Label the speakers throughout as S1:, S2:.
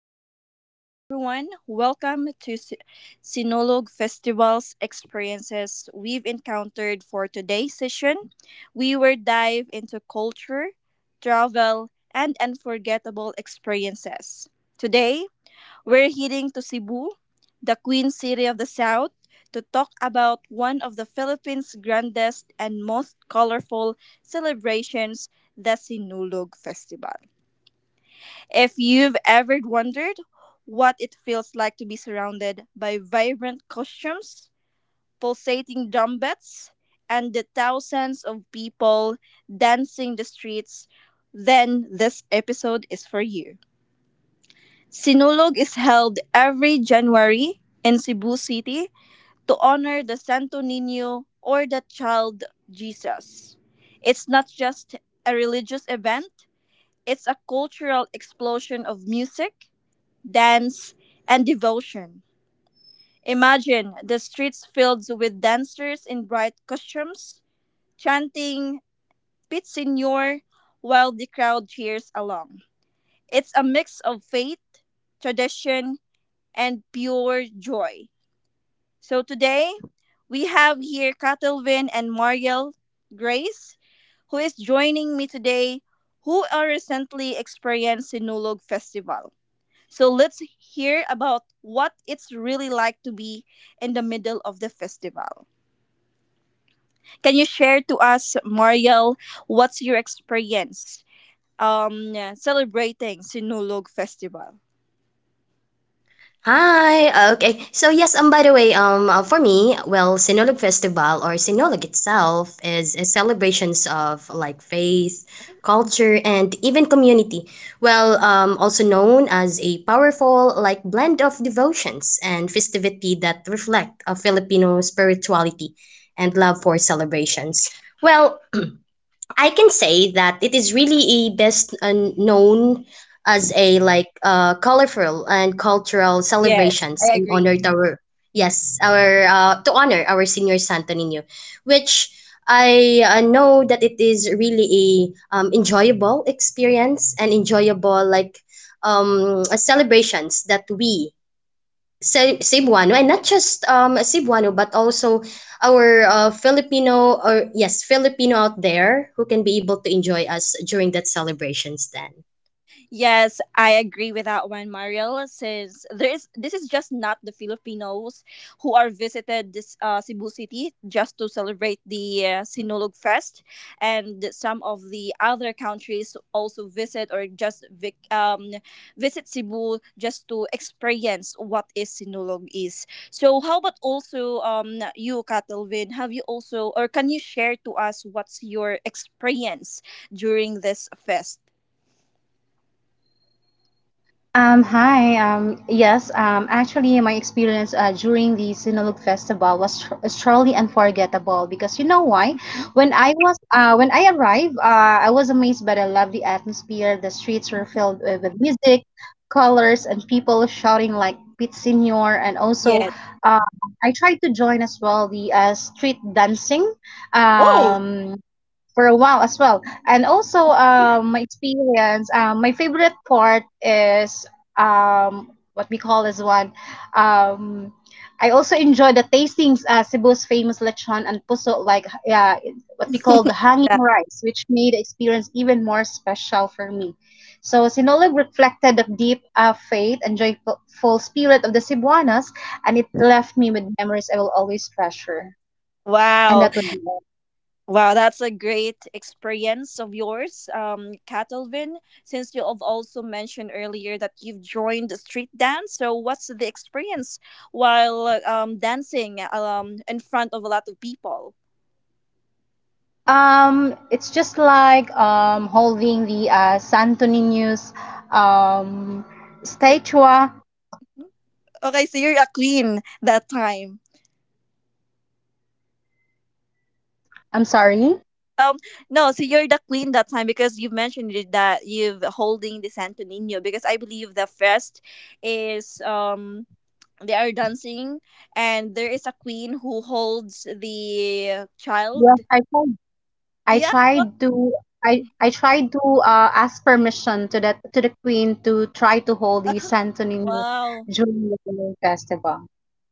S1: Maayong adlaw everyone. Welcome to Sinulog Festival's experiences we've encountered for today's session. We will dive into culture, travel, and unforgettable experiences. Today, we're heading to Cebu, the Queen City of the South, to talk about one of the Philippines' grandest and most colorful celebrations, the Sinulog Festival. If you've ever wondered what it feels like to be surrounded by vibrant costumes, pulsating drumbeats, and the thousands of people dancing the streets, then this episode is for you. Sinulog is held every January in Cebu City to honor the Santo Nino or the child Jesus. It's not just a religious event, it's a cultural explosion of music, dance, and devotion. Imagine the streets filled with dancers in bright costumes chanting Pit Senor while the crowd cheers along. It's a mix of faith, tradition, and pure joy. So today, we have here Catalvin and Mariel Grace, who is joining me today, who are recently experienced Sinulog Festival. So let's hear about what it's really like to be in the middle of the festival. Can you share to us, Mariel, what's your experience celebrating Sinulog Festival?
S2: Hi. Okay. So yes, by the way, for me, well, Sinulog Festival or Sinulog itself is a celebrations of like faith, culture, and even community. Well, also known as a powerful like blend of devotions and festivity that reflect a Filipino spirituality and love for celebrations. Well, I can say that it is really a best known as a like colorful and cultural
S1: Yes,
S2: celebrations
S1: I
S2: in
S1: agree.
S2: honor to our yes our to honor our senior Santo Niño, which I know that it is really a enjoyable experience and enjoyable like celebrations that we Cebuano, and not just Cebuano, but also our Filipino or yes Filipino out there who can be able to enjoy us during that celebrations. Then
S1: Yes, I agree with that one, Mariel. Since there is this is just not the Filipinos who are visited this Cebu City just to celebrate the Sinulog Fest, and some of the other countries also visit or just visit Cebu just to experience what is Sinulog is. So, how about also you, Catalvin? Have you also or can you share to us what's your experience during this fest?
S3: Hi. Yes. Actually, my experience during the Sinulog Festival is truly unforgettable because you know why? When I arrived, I was amazed by the lovely atmosphere. The streets were filled with music, colors, and people shouting like "Pit Senior." And also,
S1: Yes.
S3: uh, I tried to join as well the street dancing.
S1: Oh.
S3: Um, for a while as well. And also, my experience, my favorite part is what we call as one um I also enjoy the tastings Cebu's famous lechon and puso, like, yeah, what we call the hanging
S1: Yeah.
S3: rice, which made the experience even more special for me. So Sinulog reflected the deep faith and joyful spirit of the Cebuanas, and it left me with memories I will always treasure. And
S1: Wow.
S3: that would be all.
S1: Wow, that's a great experience of yours, Catalvin. Since you have also mentioned earlier that you've joined the street dance, so what's the experience while dancing in front of a lot of people?
S3: It's just like holding the Santo Niño's um
S1: Si-
S3: statue.
S1: Okay, so you're a queen that time.
S3: I'm sorry.
S1: Um, no, so you're the queen that time because you've mentioned it that you've holding the Santo Nino because I believe the fest is they are dancing and there is a queen who holds the
S3: Yes,
S1: child,
S3: I tried. I
S1: yeah. Wow,
S3: tried to I tried to ask permission to that, to the queen, to try to hold the Santo Niño
S1: wow.
S3: during the Pinoy festival.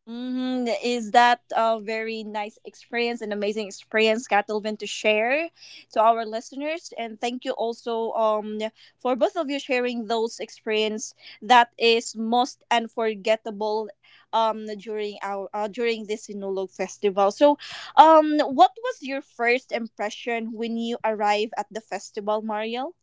S1: Mm-hmm. Is that a very nice experience, an amazing experience, Katilvin, to share to our listeners? And thank you also for both of you sharing those experience that is most unforgettable during our during this Sinulog festival. So, what was your first impression when you arrive at the festival, Mariel?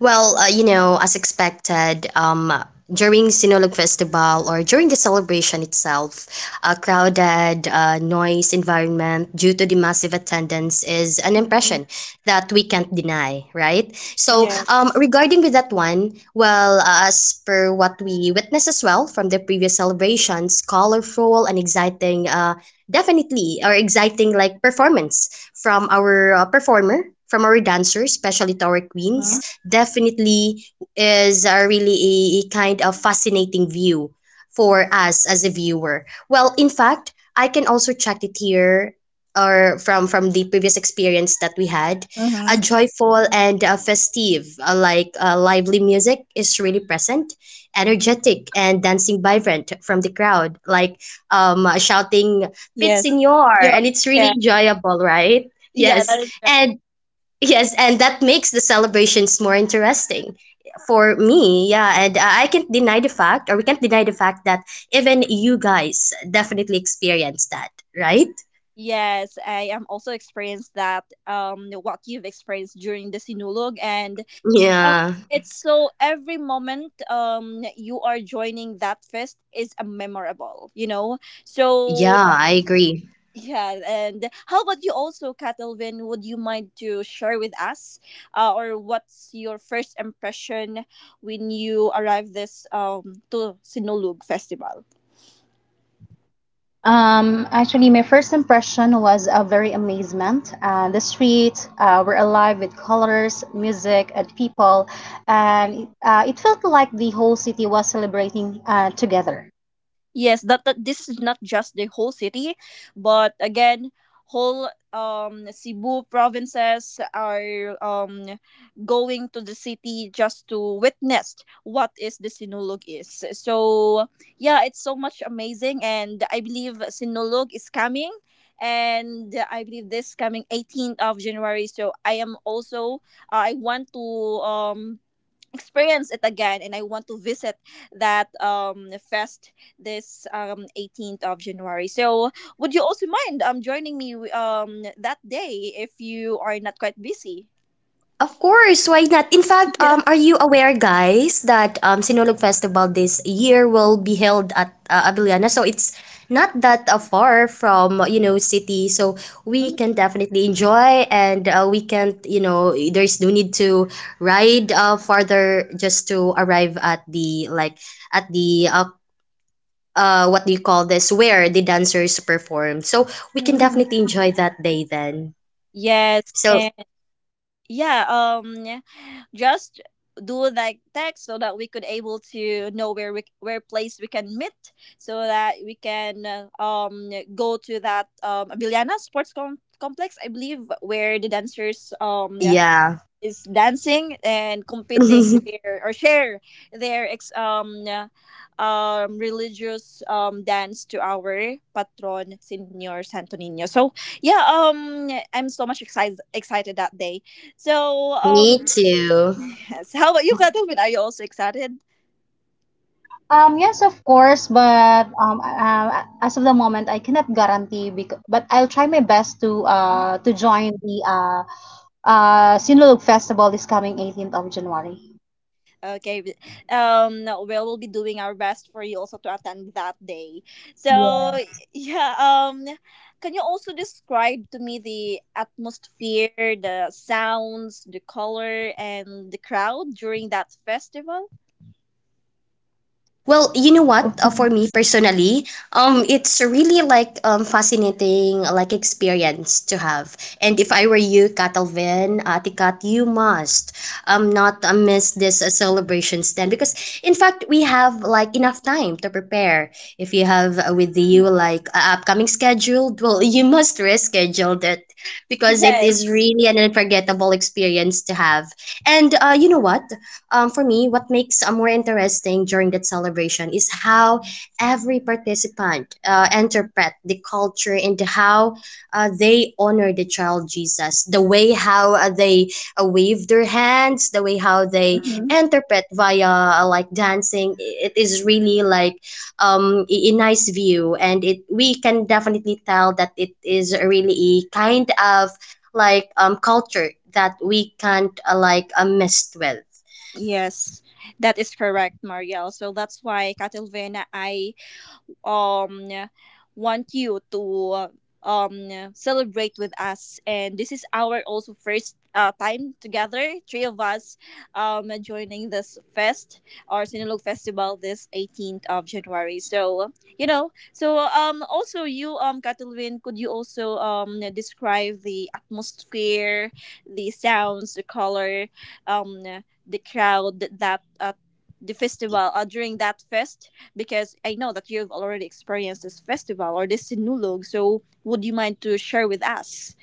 S2: well, you know, as expected, during Sinulog Festival or during the celebration itself, a crowded, noise environment due to the massive attendance is an
S1: Mhm.
S2: impression that we can't deny, right? So,
S1: Yes.
S2: regarding with that one, well, as per what we witnessed as well from the previous celebrations, colorful and exciting, definitely, our exciting like performance from our performer, from our dancers, especially to our
S1: Huh?
S2: queens, definitely is really a kind of fascinating view for us as a viewer. Well, in fact, I can also check it here or from the previous experience that we had a joyful and a festive like lively music is really present energetic and dancing vibrant from the crowd like shouting
S1: Yes.
S2: Pitsignor,
S1: Yeah.
S2: and it's really
S1: Yeah.
S2: enjoyable, right?
S1: Yeah.
S2: Yes,
S1: That is.
S2: and yes, and that makes the celebrations more interesting for me. Yeah, and I can't deny the fact, or we can't deny the fact that even you guys definitely experienced that, right?
S1: Yes, I am also experienced that what you've experienced during the sinulog and um,
S2: Yeah,
S1: it's so every moment you are joining that fest is a memorable, you know. So
S2: yeah, I agree.
S1: yeah, and how about you also, Catalvin? Would you mind to share with us, or what's your first impression when you arrive this to Sinulog Festival?
S3: Actually, my first impression was a very amazement. The streets were alive with colors, music, and people, and it felt like the whole city was celebrating together.
S1: Yes, that this is not just the whole city, but again, whole Cebu provinces are going to the city just to witness what is the Sinulog is. So yeah, it's so much amazing, and I believe Sinulog is coming, and I believe this coming 18th of January. So I am also I want to um experience it again and I want to visit that fest this 18th of January. So would you also mind joining me that day if you are not quite busy?
S2: Of course, why not? In fact,
S1: Yeah.
S2: are you aware, guys, that Sinulog Festival this year will be held at Abiliana? So it's not that far from city, so we can definitely enjoy, and we can there's no need to ride farther just to arrive at the like at the what do you call this where the dancers perform. So we can
S1: Mhm.
S2: definitely enjoy that day then.
S1: Yes,
S2: So
S1: and yeah, just do like text so that we could able to know where we where place we can meet so that we can go to that Abiliana Sports Complex I believe where the dancers
S2: yeah,
S1: is dancing and competing their or share their ex religious dance to our patron Senior Santo Nino. So yeah, I'm so much excited that day. So
S2: me too.
S1: yes, how about you, Kathleen? Are you also excited?
S3: Yes, of course, but as of the moment, I cannot guarantee because, but I'll try my best to join the Sinulog Festival this coming 18th of January.
S1: Okay. No, we will be doing our best for you also to attend that day. So
S3: Yeah.
S1: yeah. Can you also describe to me the atmosphere, the sounds, the color, and the crowd during that festival?
S2: Well, you know what? For me personally, it's really like fascinating like experience to have. And if I were you, Catalvin, Ate Kat, you must not miss this celebrations then because in fact we have like enough time to prepare. If you have with you
S1: Mhm.
S2: like upcoming scheduled, well, you must reschedule it because it is
S1: Yes.
S2: really an unforgettable experience to have. And you know what? For me, what makes more interesting during that celebration is how every participant interpret the culture and how they honor the child Jesus. The way how they wave their hands, the way how they
S1: Mhm.
S2: interpret via like dancing, it is really like a nice view, and it we can definitely tell that it is really a kind of like culture that we can't like messed with.
S1: Yes, that is correct, Marielle. So that's why Catalvena, I um want you to celebrate with us and this is our also first time together three of us joining this fest or sinulog festival this 18th of january so you know so also you Katulwin, could you also describe the atmosphere the sounds the color um the crowd that the festival during that fest because I know that you've already experienced this festival or this sinulog. So would you mind to share with us?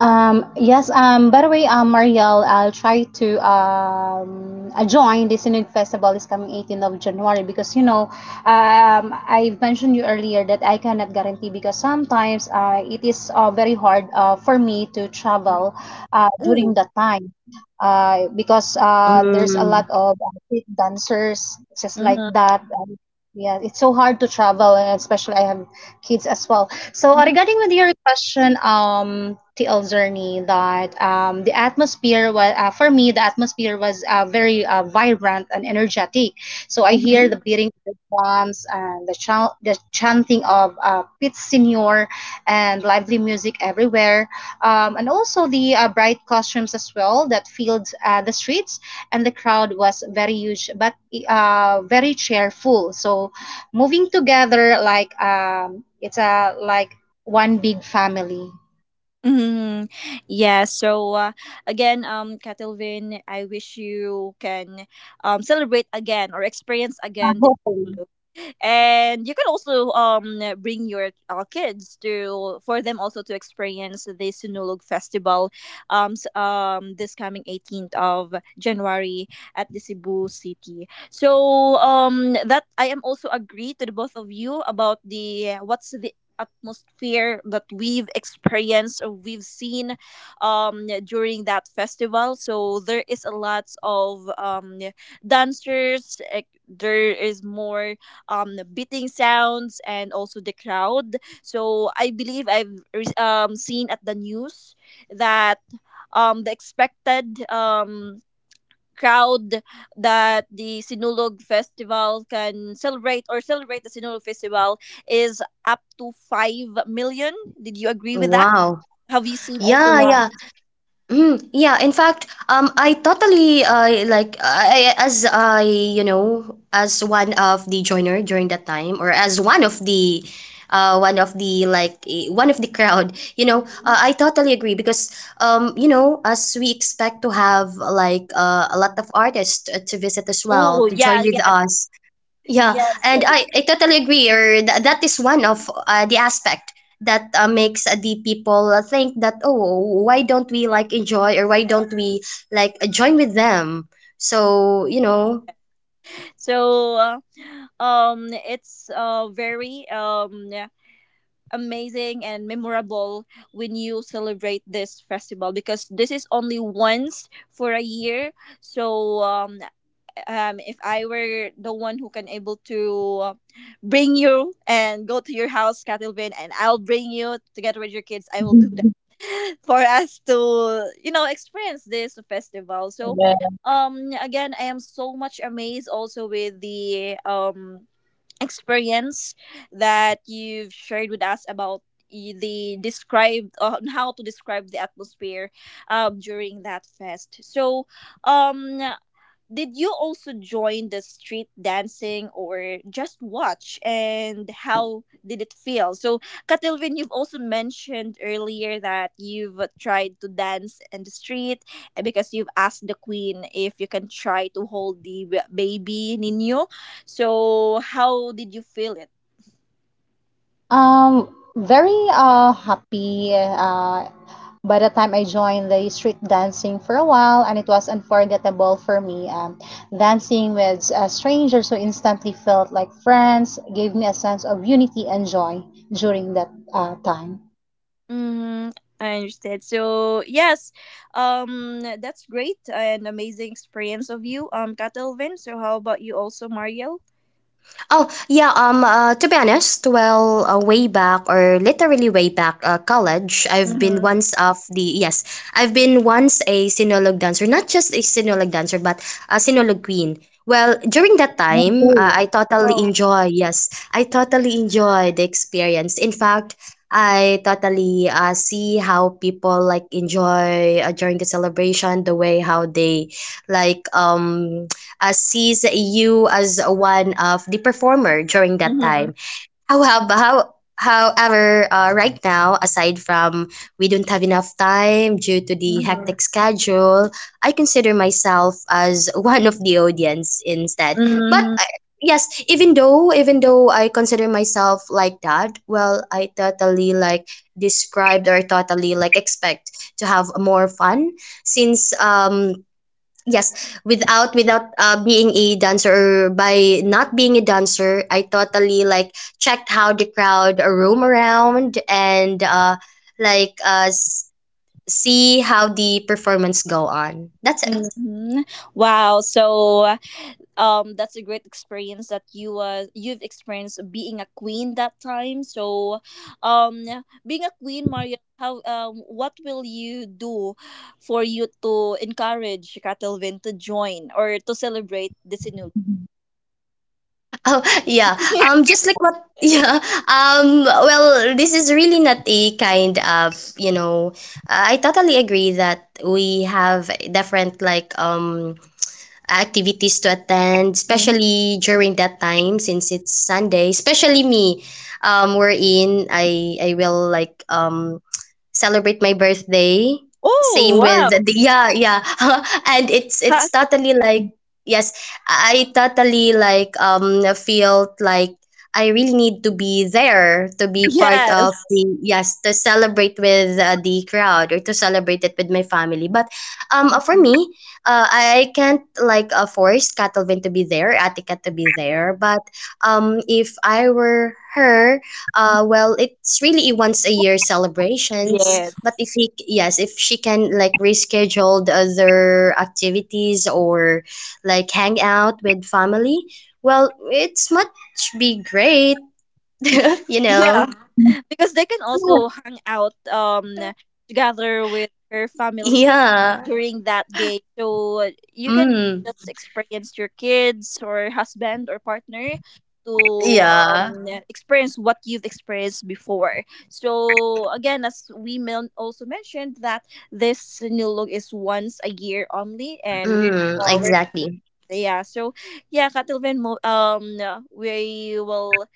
S3: Yes, by the way, Mariel, I'll try to join the Sinug Festival is coming 18th of January because, you know, I mentioned you earlier that I cannot guarantee because sometimes it is very hard for me to travel during
S1: Oh.
S3: that time because there's a
S2: Mm,
S3: lot of street dancers just like
S1: Mm-hmm.
S3: that. Yeah, it's so hard to travel, and especially I have kids as well. So, regarding with your question, TL Zerny, that the atmosphere was for me, the atmosphere was very vibrant and energetic. So I hear the beating of the drums and the chanting of Pete Senior, and lively music everywhere, and also the bright costumes as well that filled the streets, and the crowd was very huge but very cheerful. So moving together, like, it's a, like, one big family.
S1: Mm, yeah, so again, Catalvin, I wish you can celebrate again or experience again this
S3: Hopefully.
S1: look. And you can also bring your kids to for them also to experience the Sinulog Festival this coming 18th of January at the Cebu City. So that I am also agree to the both of you about the what's atmosphere that we've experienced or we've seen during that festival. So there is a lot of dancers. There is more beating sounds and also the crowd. So I believe I've seen at the news that the expected crowd that the Sinulog Festival can celebrate or celebrate the Sinulog Festival is up to 5 million. Did you agree with that?
S2: wow.
S1: Have you seen also
S2: Yeah,
S3: Yeah.
S1: that?
S2: yeah. Mm, yeah. In fact, I totally like as I as one of the joiner during that time, or as one of the like one of the crowd. You know,
S1: Mhm.
S2: I totally agree because you know, as we expect to have like a lot of artists to visit as well
S1: Oh,
S2: to join
S1: yeah,
S2: with
S1: yeah.
S2: us. Yeah,
S1: Yes.
S2: and I totally agree. Or that is one of the aspect that makes the people think that oh, why don't we like enjoy or why don't we like join with them? So you know,
S1: So, uh, it's very yeah, amazing and memorable when you celebrate this festival because this is only once for a year. So, if I were the one who can able to bring you and go to your house, Katilvin, and I'll bring you together with your kids, I will do that for us to you know experience this festival. So, again, I am so much amazed also with the experience that you've shared with us about the described on how to describe the atmosphere during that fest so um did you also join the street dancing or just watch and how did it feel? So, Katilvin, you've also mentioned earlier that you've tried to dance in the street, because you've asked the queen if you can try to hold the baby Nino. So, how did you feel it?
S3: Um very uh happy uh, by the time I joined the street dancing for a while, and it was unforgettable for me. Dancing with strangers who instantly felt like friends gave me a sense of unity and joy during that time.
S1: Mm, I understand. So, yes, that's great and amazing experience of you, Katilvin. So, how about you also, Mario?
S2: oh, yeah, to be honest, well, way back or literally way back, college, I've been once of the, yes, I've been once a Sinulog dancer, not just a Sinulog dancer, but a Sinulog queen. Well, during that time,
S3: Oh.
S2: I totally
S1: Wow.
S2: enjoy, yes, I totally enjoy the experience. In fact, I totally see how people like enjoy during the celebration, the way how they like sees you as one of the performer during that
S1: Mhm,
S2: time. How however, right now, aside from we don't have enough time due to the
S1: mhm,
S2: hectic schedule, I consider myself as one of the audience instead. But
S1: mhm,
S2: I, yes, even though I consider myself like that, well, I totally like described or totally like expect to have more fun since yes, without being a dancer or by not being a dancer, I totally like checked how the crowd roam around and like see how the performance go on. That's it.
S1: mhm. Wow. So that's a great experience that you've experienced being a queen that time. So um being a queen, Maria, how what will you do for you to encourage Catalvin to join or to celebrate the sinul?
S2: Oh yeah. Just like what yeah. Well, this is really not a kind of you know. I totally agree that we have different like activities to attend,
S1: Mhm.
S2: especially during that time since it's Sunday. Especially me, wherein I will like celebrate my birthday.
S1: Oh
S2: Same with
S1: wow.
S2: the yeah, yeah. And it's
S1: Ha-
S2: it's totally like yes, I totally like feel like I really need to be there to be part of
S1: yes.
S2: the yes, to celebrate with the crowd or to celebrate it with my family. But for me, I can't like force Katalvin to be there, Atika to be there, but if I were her, well, it's really a once a year
S1: Yes.
S2: celebrations. But if he, yes, if she can like reschedule the other activities or like hang out with family, well, it's much be great, you
S1: Yeah,
S2: know.
S1: because they can also hang out together with her family
S2: Yeah.
S1: during that day. So you can
S2: Mm.
S1: just experience your kids or husband or partner to
S2: Yeah.
S1: experience what you've experienced before. So again, as we men also mentioned that this new look is once a year only, and we
S2: Mm,
S1: uh, we're-
S2: exactly.
S1: yeah. So yeah, Katilvin, we will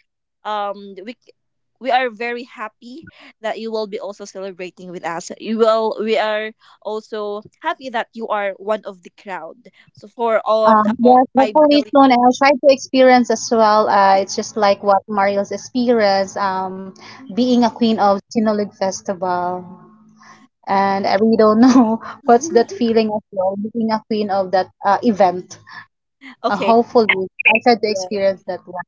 S1: um we c- we are very happy that you will be also celebrating with us. You will we are also happy that you are one of the crowd. So for
S3: Um,
S1: among
S3: yes,
S1: five
S3: hopefully
S1: billion.
S3: soon. I'll try to experience as well. It's just like what Mariel's experienced, being a queen of Sinulog Festival. And I really don't know what's that feeling as well, being a queen of that event.
S1: Okay.
S3: Hopefully, I try to experience that one.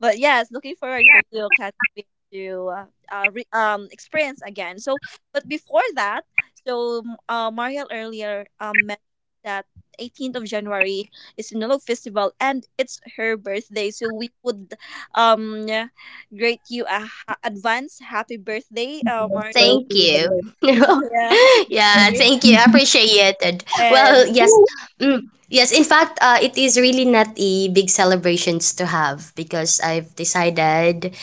S1: But yes, looking forward for you, Catherine, to experience again. So, but before that, so Mariel earlier mentioned that 18th of January is Sinulog Festival and it's her birthday. So we would yeah, greet you a advance happy birthday, Mariel.
S2: Thank you.
S1: Yeah.
S2: Yeah, thank you. I appreciate it. Well,
S1: And
S2: yes. Mm, yes, in fact, it is really not a big celebrations to have because I've decided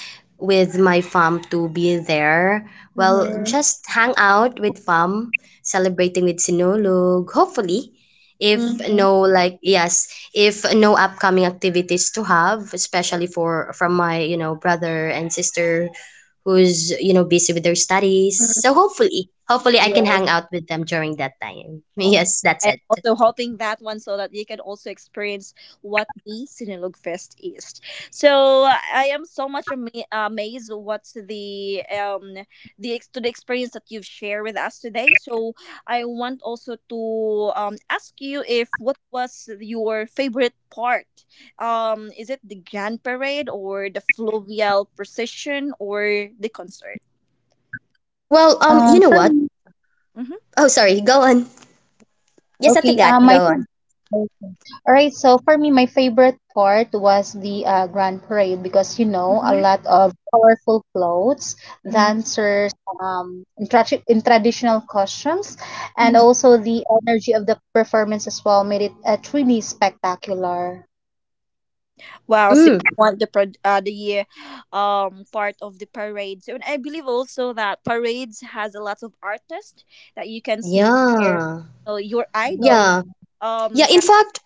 S2: with my fam to be there. Well,
S1: Mhm.
S2: just hang out with fam, celebrating with Sinulog, hopefully. If
S1: Mhm.
S2: no, like, yes, if no upcoming activities to have, especially for from my, you know, brother and sister who's, you know, busy with their studies. So hopefully, hopefully I can hang out with them during that time.
S1: Okay.
S2: Yes, that's
S1: I'm
S2: it.
S1: also hoping that one so that you can also experience what the Sinulog Fest is. So I am so much amazed what's the to the experience that you've shared with us today. So I want also to ask you if what was your favorite part? Is it the Grand Parade or the Fluvial Procession or the concert?
S2: Well, you know
S3: For
S2: what?
S3: me,
S2: Oh, sorry, go on. Yes, Ate
S3: okay,
S2: Gat,
S3: my
S2: go
S3: favorite.
S2: on.
S3: Alright, so for me, my favorite part was the Grand Parade because, you know, a
S1: Mm-hmm.
S3: lot of colorful clothes, dancers, in traditional costumes, and also the energy of the performance as well made it truly spectacular.
S1: Wow, so you
S2: Mm,
S1: want the part of the parades, and I believe also that parades has a lot of artists that you can see there.
S2: yeah.
S1: So your idol,
S2: Yeah. Yeah,
S1: um,
S2: in
S1: can-
S2: fact,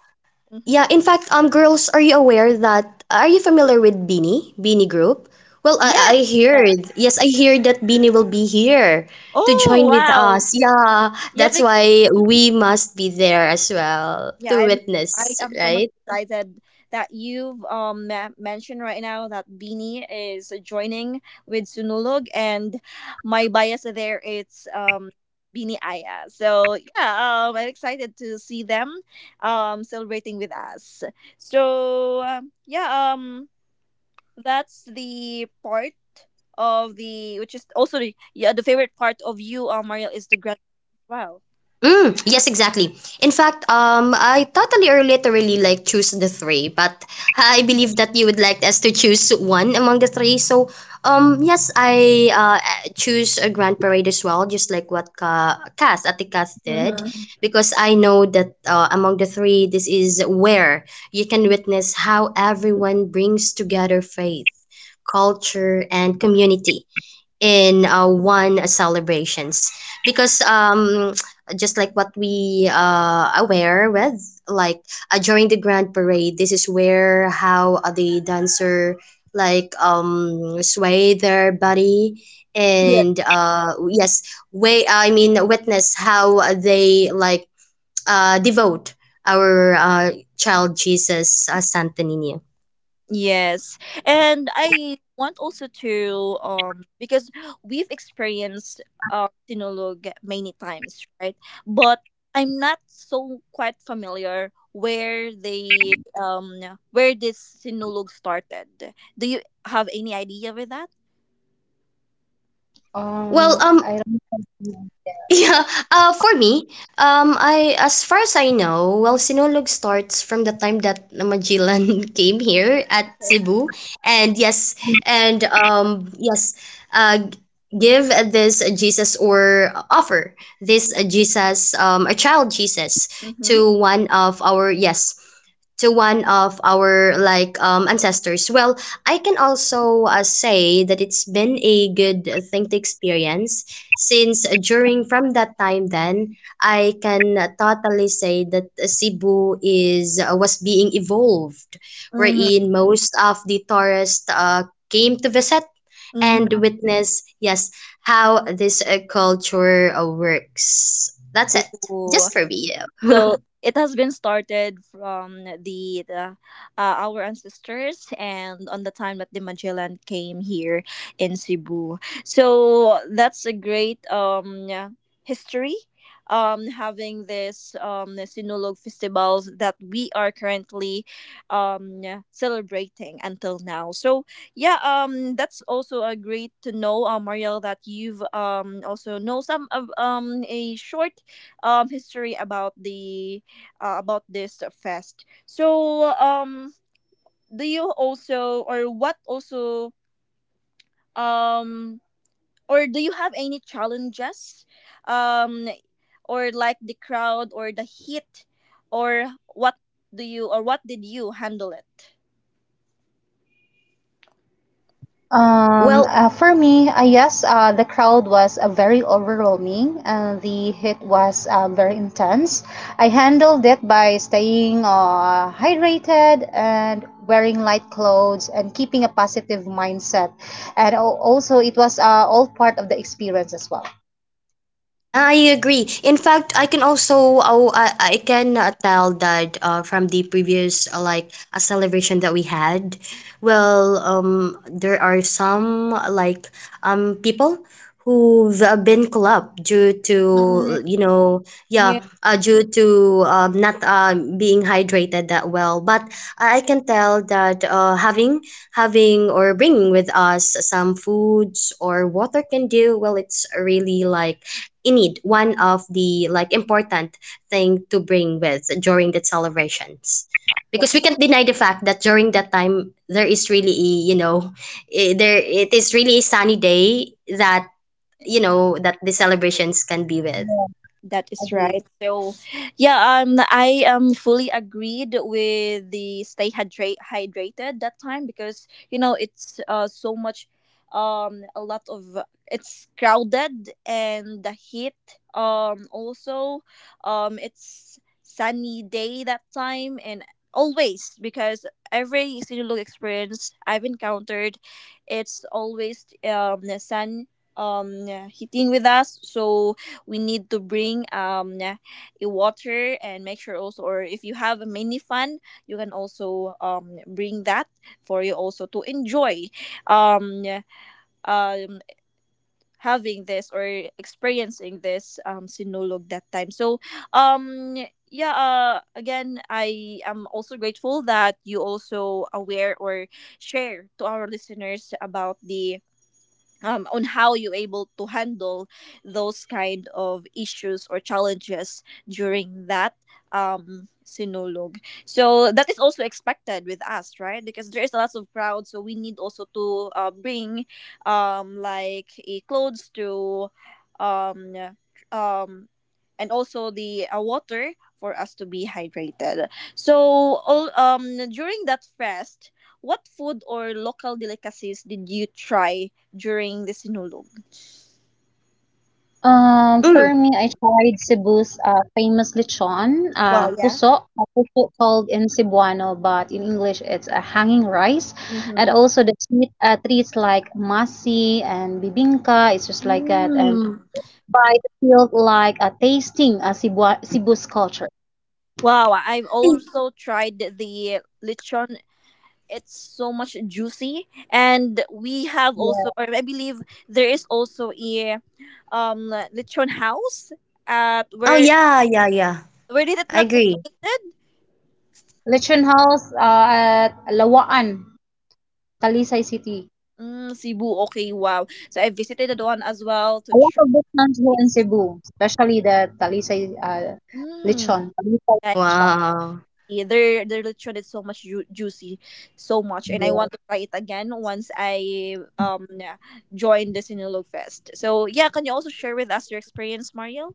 S1: Mhm.
S2: yeah, in fact, girls, are you aware that, are you familiar with Beanie, Beanie Group? Well,
S1: Yes,
S2: I
S1: yeah.
S2: heard, yes, I hear that Beanie will be here to
S1: Oh
S2: join with
S1: wow,
S2: us. Yeah,
S1: yeah,
S2: that's
S1: because
S2: why we must be there as well
S1: yeah,
S2: to
S1: I'm I
S2: witness,
S1: am so much
S2: right?
S1: excited that you've um mentioned right now that Beanie is joining with Sunulog and my bias there it's Beanie Aya. So yeah, I'm excited to see them celebrating with us. So yeah, that's the part of the which is also the yeah the favorite part of you, Mariel, is the grad. Wow.
S2: Mm, yes, exactly. In fact, I totally or literally like choose the three, but I believe that you would like us to choose one among the three. So, yes, I choose a grand parade as well, just like what Ka Cass Atikas did,
S1: Mm-hmm.
S2: because I know that among the three, this is where you can witness how everyone brings together faith, culture, and community in one celebrations because just like what we aware with like during the grand parade this is where how the dancer like sway their body and yes way I mean witness how they like devote our child Jesus Santa Nina.
S1: Yes. And I want also to because we've experienced Sinulog many times, right? But I'm not so quite familiar where they where this Sinulog started. Do you have any idea with that?
S2: Well,
S3: I don't know.
S2: yeah, for me, I as far as I know, well, Sinulog starts from the time that Magellan came here at
S1: Okay.
S2: Cebu, and yes, and yes, uh, g- give this Jesus or offer this Jesus, a child Jesus
S1: Mm-hmm.
S2: to one of our yes, to one of our like ancestors. Well, I can also say that it's been a good thing to experience since during from that time then I can totally say that Cebu is was being evolved
S1: Mm-hmm.
S2: wherein most of the tourists came to visit and
S1: Mm-hmm.
S2: witness yes how this culture works. That's it. Just for me.
S1: So it has been started from the our ancestors and on the time that the Magellan came here in Cebu. So that's a great history having this Sinulog festivals that we are currently um celebrating until now. So yeah, that's also a great to know Mariel, that you've also know some of a short history about the about this fest. So do you also or what also um or do you have any challenges um or like the crowd or the heat or what do you or what did you handle it?
S2: Well,
S3: For me, yes, the crowd was very overwhelming and the heat was very intense. I handled it by staying hydrated and wearing light clothes and keeping a positive mindset. And also, it was all part of the experience as well.
S2: yeah, I agree. In fact, I can also oh, I can tell that from the previous like a celebration that we had, well, there are some like people who've been clubbed due
S1: Mm.
S2: to yeah due to not being hydrated that well but I can tell that having or bringing with us some foods or water can do well, it's really like in need one of the like important thing to bring with during the celebrations because we can't deny the fact that during that time there is really a, you know there it is really a sunny day that you know that the celebrations can be with.
S3: Yeah,
S1: That is
S3: agree.
S1: right. So, yeah, I am fully agreed with the stay hydrate hydrated that time because you know it's so much, a lot of it's crowded and the heat. Also, it's sunny day that time and always because every Sinulog experience I've encountered, it's always the sun hitting with us, so we need to bring a water and make sure also, or if you have a mini fan, you can also bring that for you also to enjoy um um having this or experiencing this sinulog that time. So um yeah, again, I am also grateful that you also aware or share to our listeners about the on how you're able to handle those kind of issues or challenges during that sinulog. So that is also expected with us, right? Because there is lots of crowd, so we need also to bring like a clothes to um um and also the water for us to be hydrated. So all during that fest, what food or local delicacies did you try during the sinulog.
S3: For
S2: Mm.
S3: me, I tried Cebu's famous lechon,
S1: Wow, yeah.
S3: puso, called in Cebuano, but in English it's a hanging rice.
S1: Mm-hmm.
S3: And also the sweet treats like masi and bibingka, it's just like that. And
S1: Mm.
S3: by the field like a tasting Cebu's culture.
S1: Wow, I've
S2: Yeah,
S1: also tried the lechon. It's so much juicy, and we have also,
S3: Yeah.
S1: or I believe there is also a lechon house at
S2: oh, yeah, yeah, yeah.
S1: where did it
S2: I
S1: look it
S2: agree.
S1: located?
S3: Lechon House at Lawaan, Talisay City.
S1: Mm, Cebu. Okay, wow. So I visited that one as well to
S3: A lot
S1: try.
S3: of restaurants here in Cebu, especially the Talisay
S1: Mm,
S3: lechon. Talisay
S1: yeah.
S3: lechon.
S2: Wow.
S1: Yeah, their lechon is so much juicy, so much, and I
S3: Yeah.
S1: want to try it again once I join the Sinulog Fest. So yeah, can you also share with us your experience, Mario?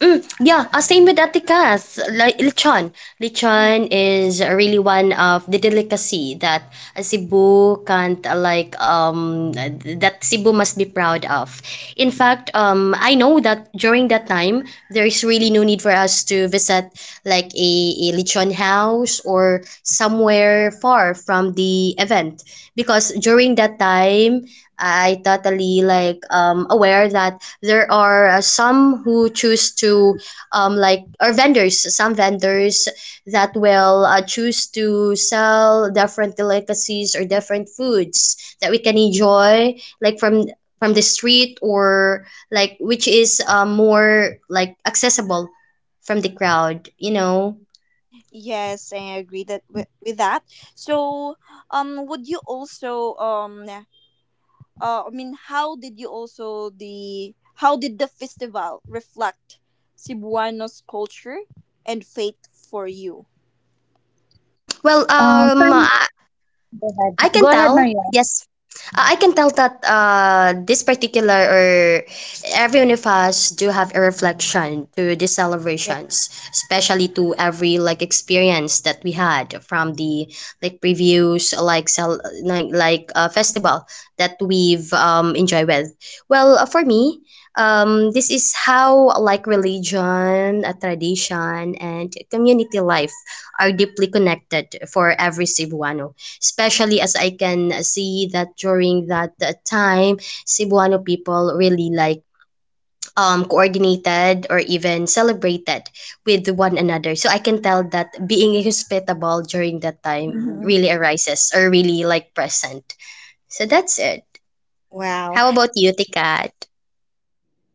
S2: Mm, yeah, same with Atikas. Like lechon. Lechon is really one of the delicacy that Cebu can't like that Cebu must be proud of. In fact, I know that during that time there is really no need for us to visit like a lechon house or somewhere far from the event because during that time I totally like aware that there are some who choose to like or vendors some vendors that will choose to sell different delicacies or different foods that we can enjoy like from the street or like which is more like accessible from the crowd you know.
S1: Yes, I agree that with that. So, would you also I mean, how did the festival reflect Cebuanos culture and faith for you?
S2: Mm, well,
S3: For me, go ahead.
S2: I can
S3: Go ahead,
S2: tell.
S3: Maria.
S2: Yes. I can tell that this particular or every one of us do have a reflection to the
S1: Yeah.
S2: celebrations, especially to every like experience that we had from the like previews, like festival that we've enjoyed with. Well, for me, this is how like religion, a tradition, and community life are deeply connected for every Cebuano, especially as I can see that during that time, Cebuano people really like coordinated or even celebrated with one another. So I can tell that being hospitable during that time
S1: Mhm.
S2: really arises or really like present. So that's it.
S1: Wow.
S2: How about you, Tikat?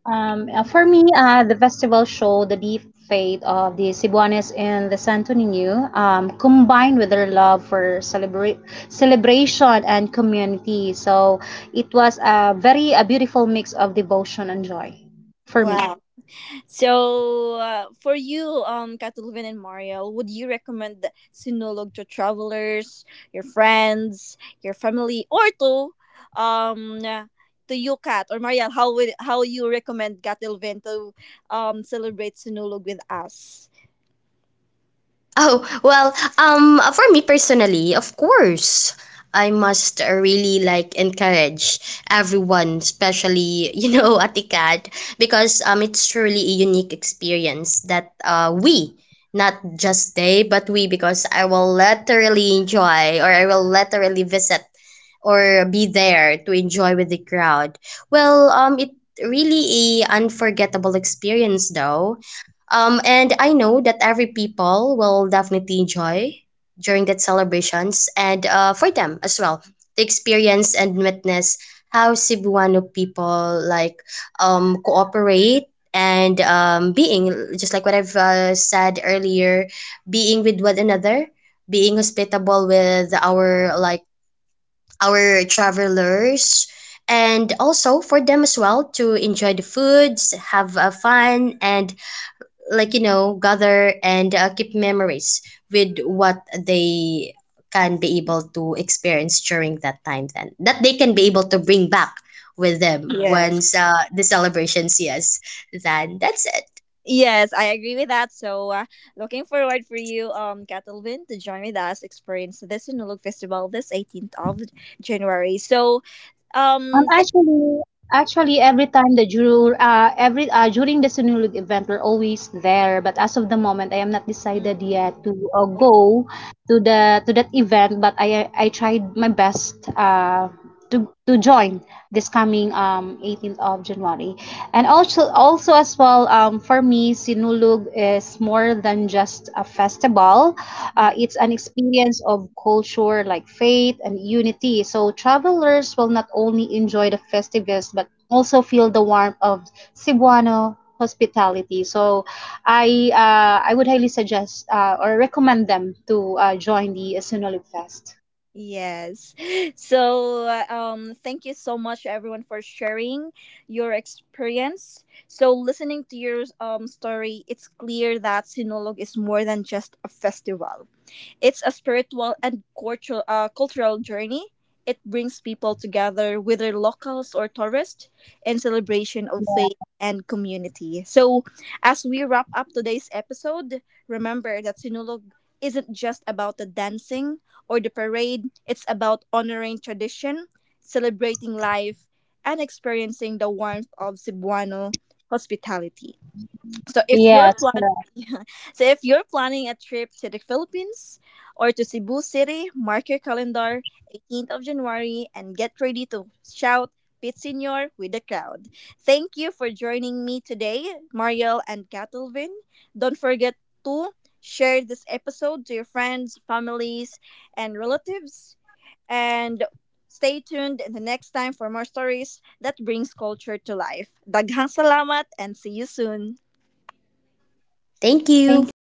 S3: For me, the festival showed the deep faith of the Cebuanes in the Santo Niño, combined with their love for celebration and community. So it was a very a beautiful mix of devotion and joy for me.
S1: Wow. So, for you, Katulvin and Mariel, would you recommend Sinulog to travelers, your friends, your family, or to you, Kat or Mariel? How you recommend Katulvin to, celebrate Sinulog with us?
S2: Oh, well, for me personally, of course, I must really like encourage everyone, especially, you know, Atikat, because it's truly a unique experience that we, not just they, but we, because I will literally enjoy or I will literally visit or be there to enjoy with the crowd. Well, it really a unforgettable experience though and I know that every people will definitely enjoy during that celebrations and for them as well to experience and witness how Cebuano people like cooperate and being just like what I've said earlier, being with one another, being hospitable with our like our travelers and also for them as well to enjoy the foods, have fun and like you know gather and keep memories with what they can be able to experience during that time then that they can be able to bring back with them
S1: Yes,
S2: once the celebrations yes then that's it
S1: yes, I agree with that. So, looking forward for you, Katulvin, to join with us experience the Sinulog Festival this 18th of January. So,
S3: Um,
S1: um,
S3: actually, actually, every time the jur every during the Sunulog event, we're always there. But as of the moment, I am not
S1: thank.
S3: decided yet to go to that event. But I tried my best to join this coming 18th of January. And also as well for me, Sinulog is more than just a festival. It's an experience of culture, like faith and unity. So travelers will not only enjoy the festivals but also feel the warmth of Cebuano hospitality. So I would highly suggest or recommend them to join the Sinulog Fest.
S1: Yes. So, thank you so much, everyone, for sharing your experience. So, listening to your story, it's clear that Sinulog is more than just a festival. It's a spiritual and cultural, cultural journey. It brings people together, whether locals or tourists, in celebration of faith and community. So, as we wrap up today's episode, remember that Sinulog isn't just about the dancing or the parade, it's about honoring tradition, celebrating life, and experiencing the warmth of Cebuano hospitality. So if you're
S3: Yes,
S1: planning,
S3: correct.
S1: yeah. So if you're planning a trip to the Philippines or to Cebu City, mark your calendar 18th of January and get ready to shout Pit Senior with the crowd. Thank you for joining me today, Mariel and Catalvin. Don't forget to share this episode to your friends, families, and relatives. And stay tuned the next time for more stories that brings culture to life. Daghang salamat and see you soon.
S2: thank you
S3: Thank you.